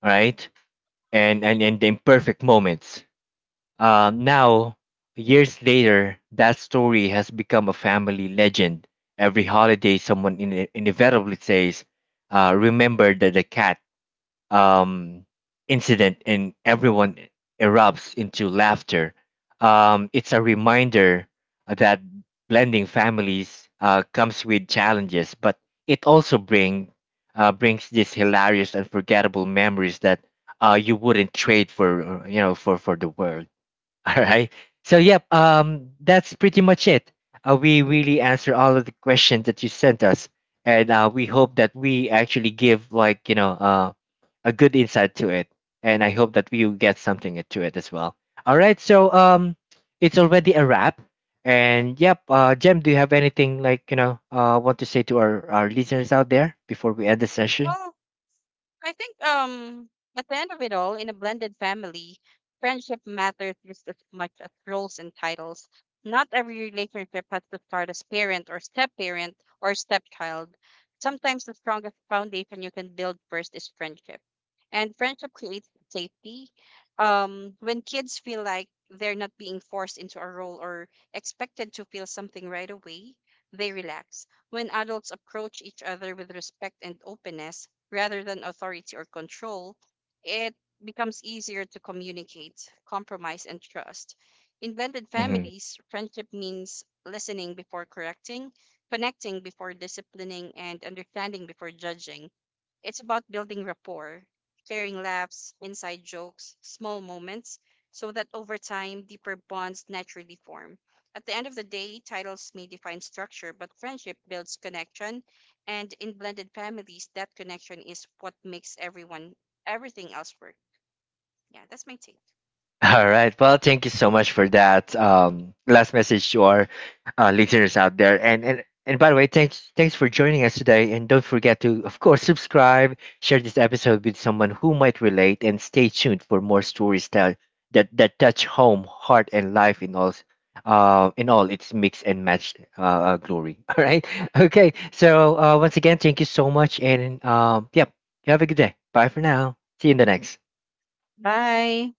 Speaker 1: right, and the imperfect moments. Now, years later, that story has become a family legend. Every holiday, someone inevitably says, "Remember the cat, um, incident," and everyone erupts into laughter. It's a reminder that blending families comes with challenges, but it also brings these hilarious, unforgettable memories that you wouldn't trade for for the world. All right. So yep, that's pretty much it. We really answer all of the questions that you sent us, and we hope that we actually give like a good insight to it, and I hope that you get something to it as well. All right. So it's already a wrap, and yep, Jem, do you have anything like want to say to our listeners out there before we end the session?
Speaker 2: Mhm. I think at the end of it all, in a blended family, friendship matters just as much as roles and titles. Not every relationship has to start as parent or step parent or stepchild. Sometimes the strongest foundation you can build first is friendship. And friendship creates safety. When kids feel like they're not being forced into a role or expected to feel something right away, they relax. When adults approach each other with respect and openness, rather than authority or control, it becomes easier to communicate, compromise, and trust. In blended families, friendship means listening before correcting, connecting before disciplining, and understanding before judging. It's about building rapport, sharing laughs, inside jokes, small moments, so that over time, deeper bonds naturally form. At the end of the day, titles may define structure, but friendship builds connection. And in blended families, that connection is what makes everyone, everything else work. Yeah, that's my take.
Speaker 1: All right. Well, thank you so much for that last message to our listeners out there. And by the way, thanks for joining us today. And don't forget to, of course, subscribe, share this episode with someone who might relate, and stay tuned for more stories that that touch home, heart, and life in all its mix and match glory. All right. Okay, so once again thank you so much, and yep, have a good day. Bye for now. See you in the next.
Speaker 2: Bye.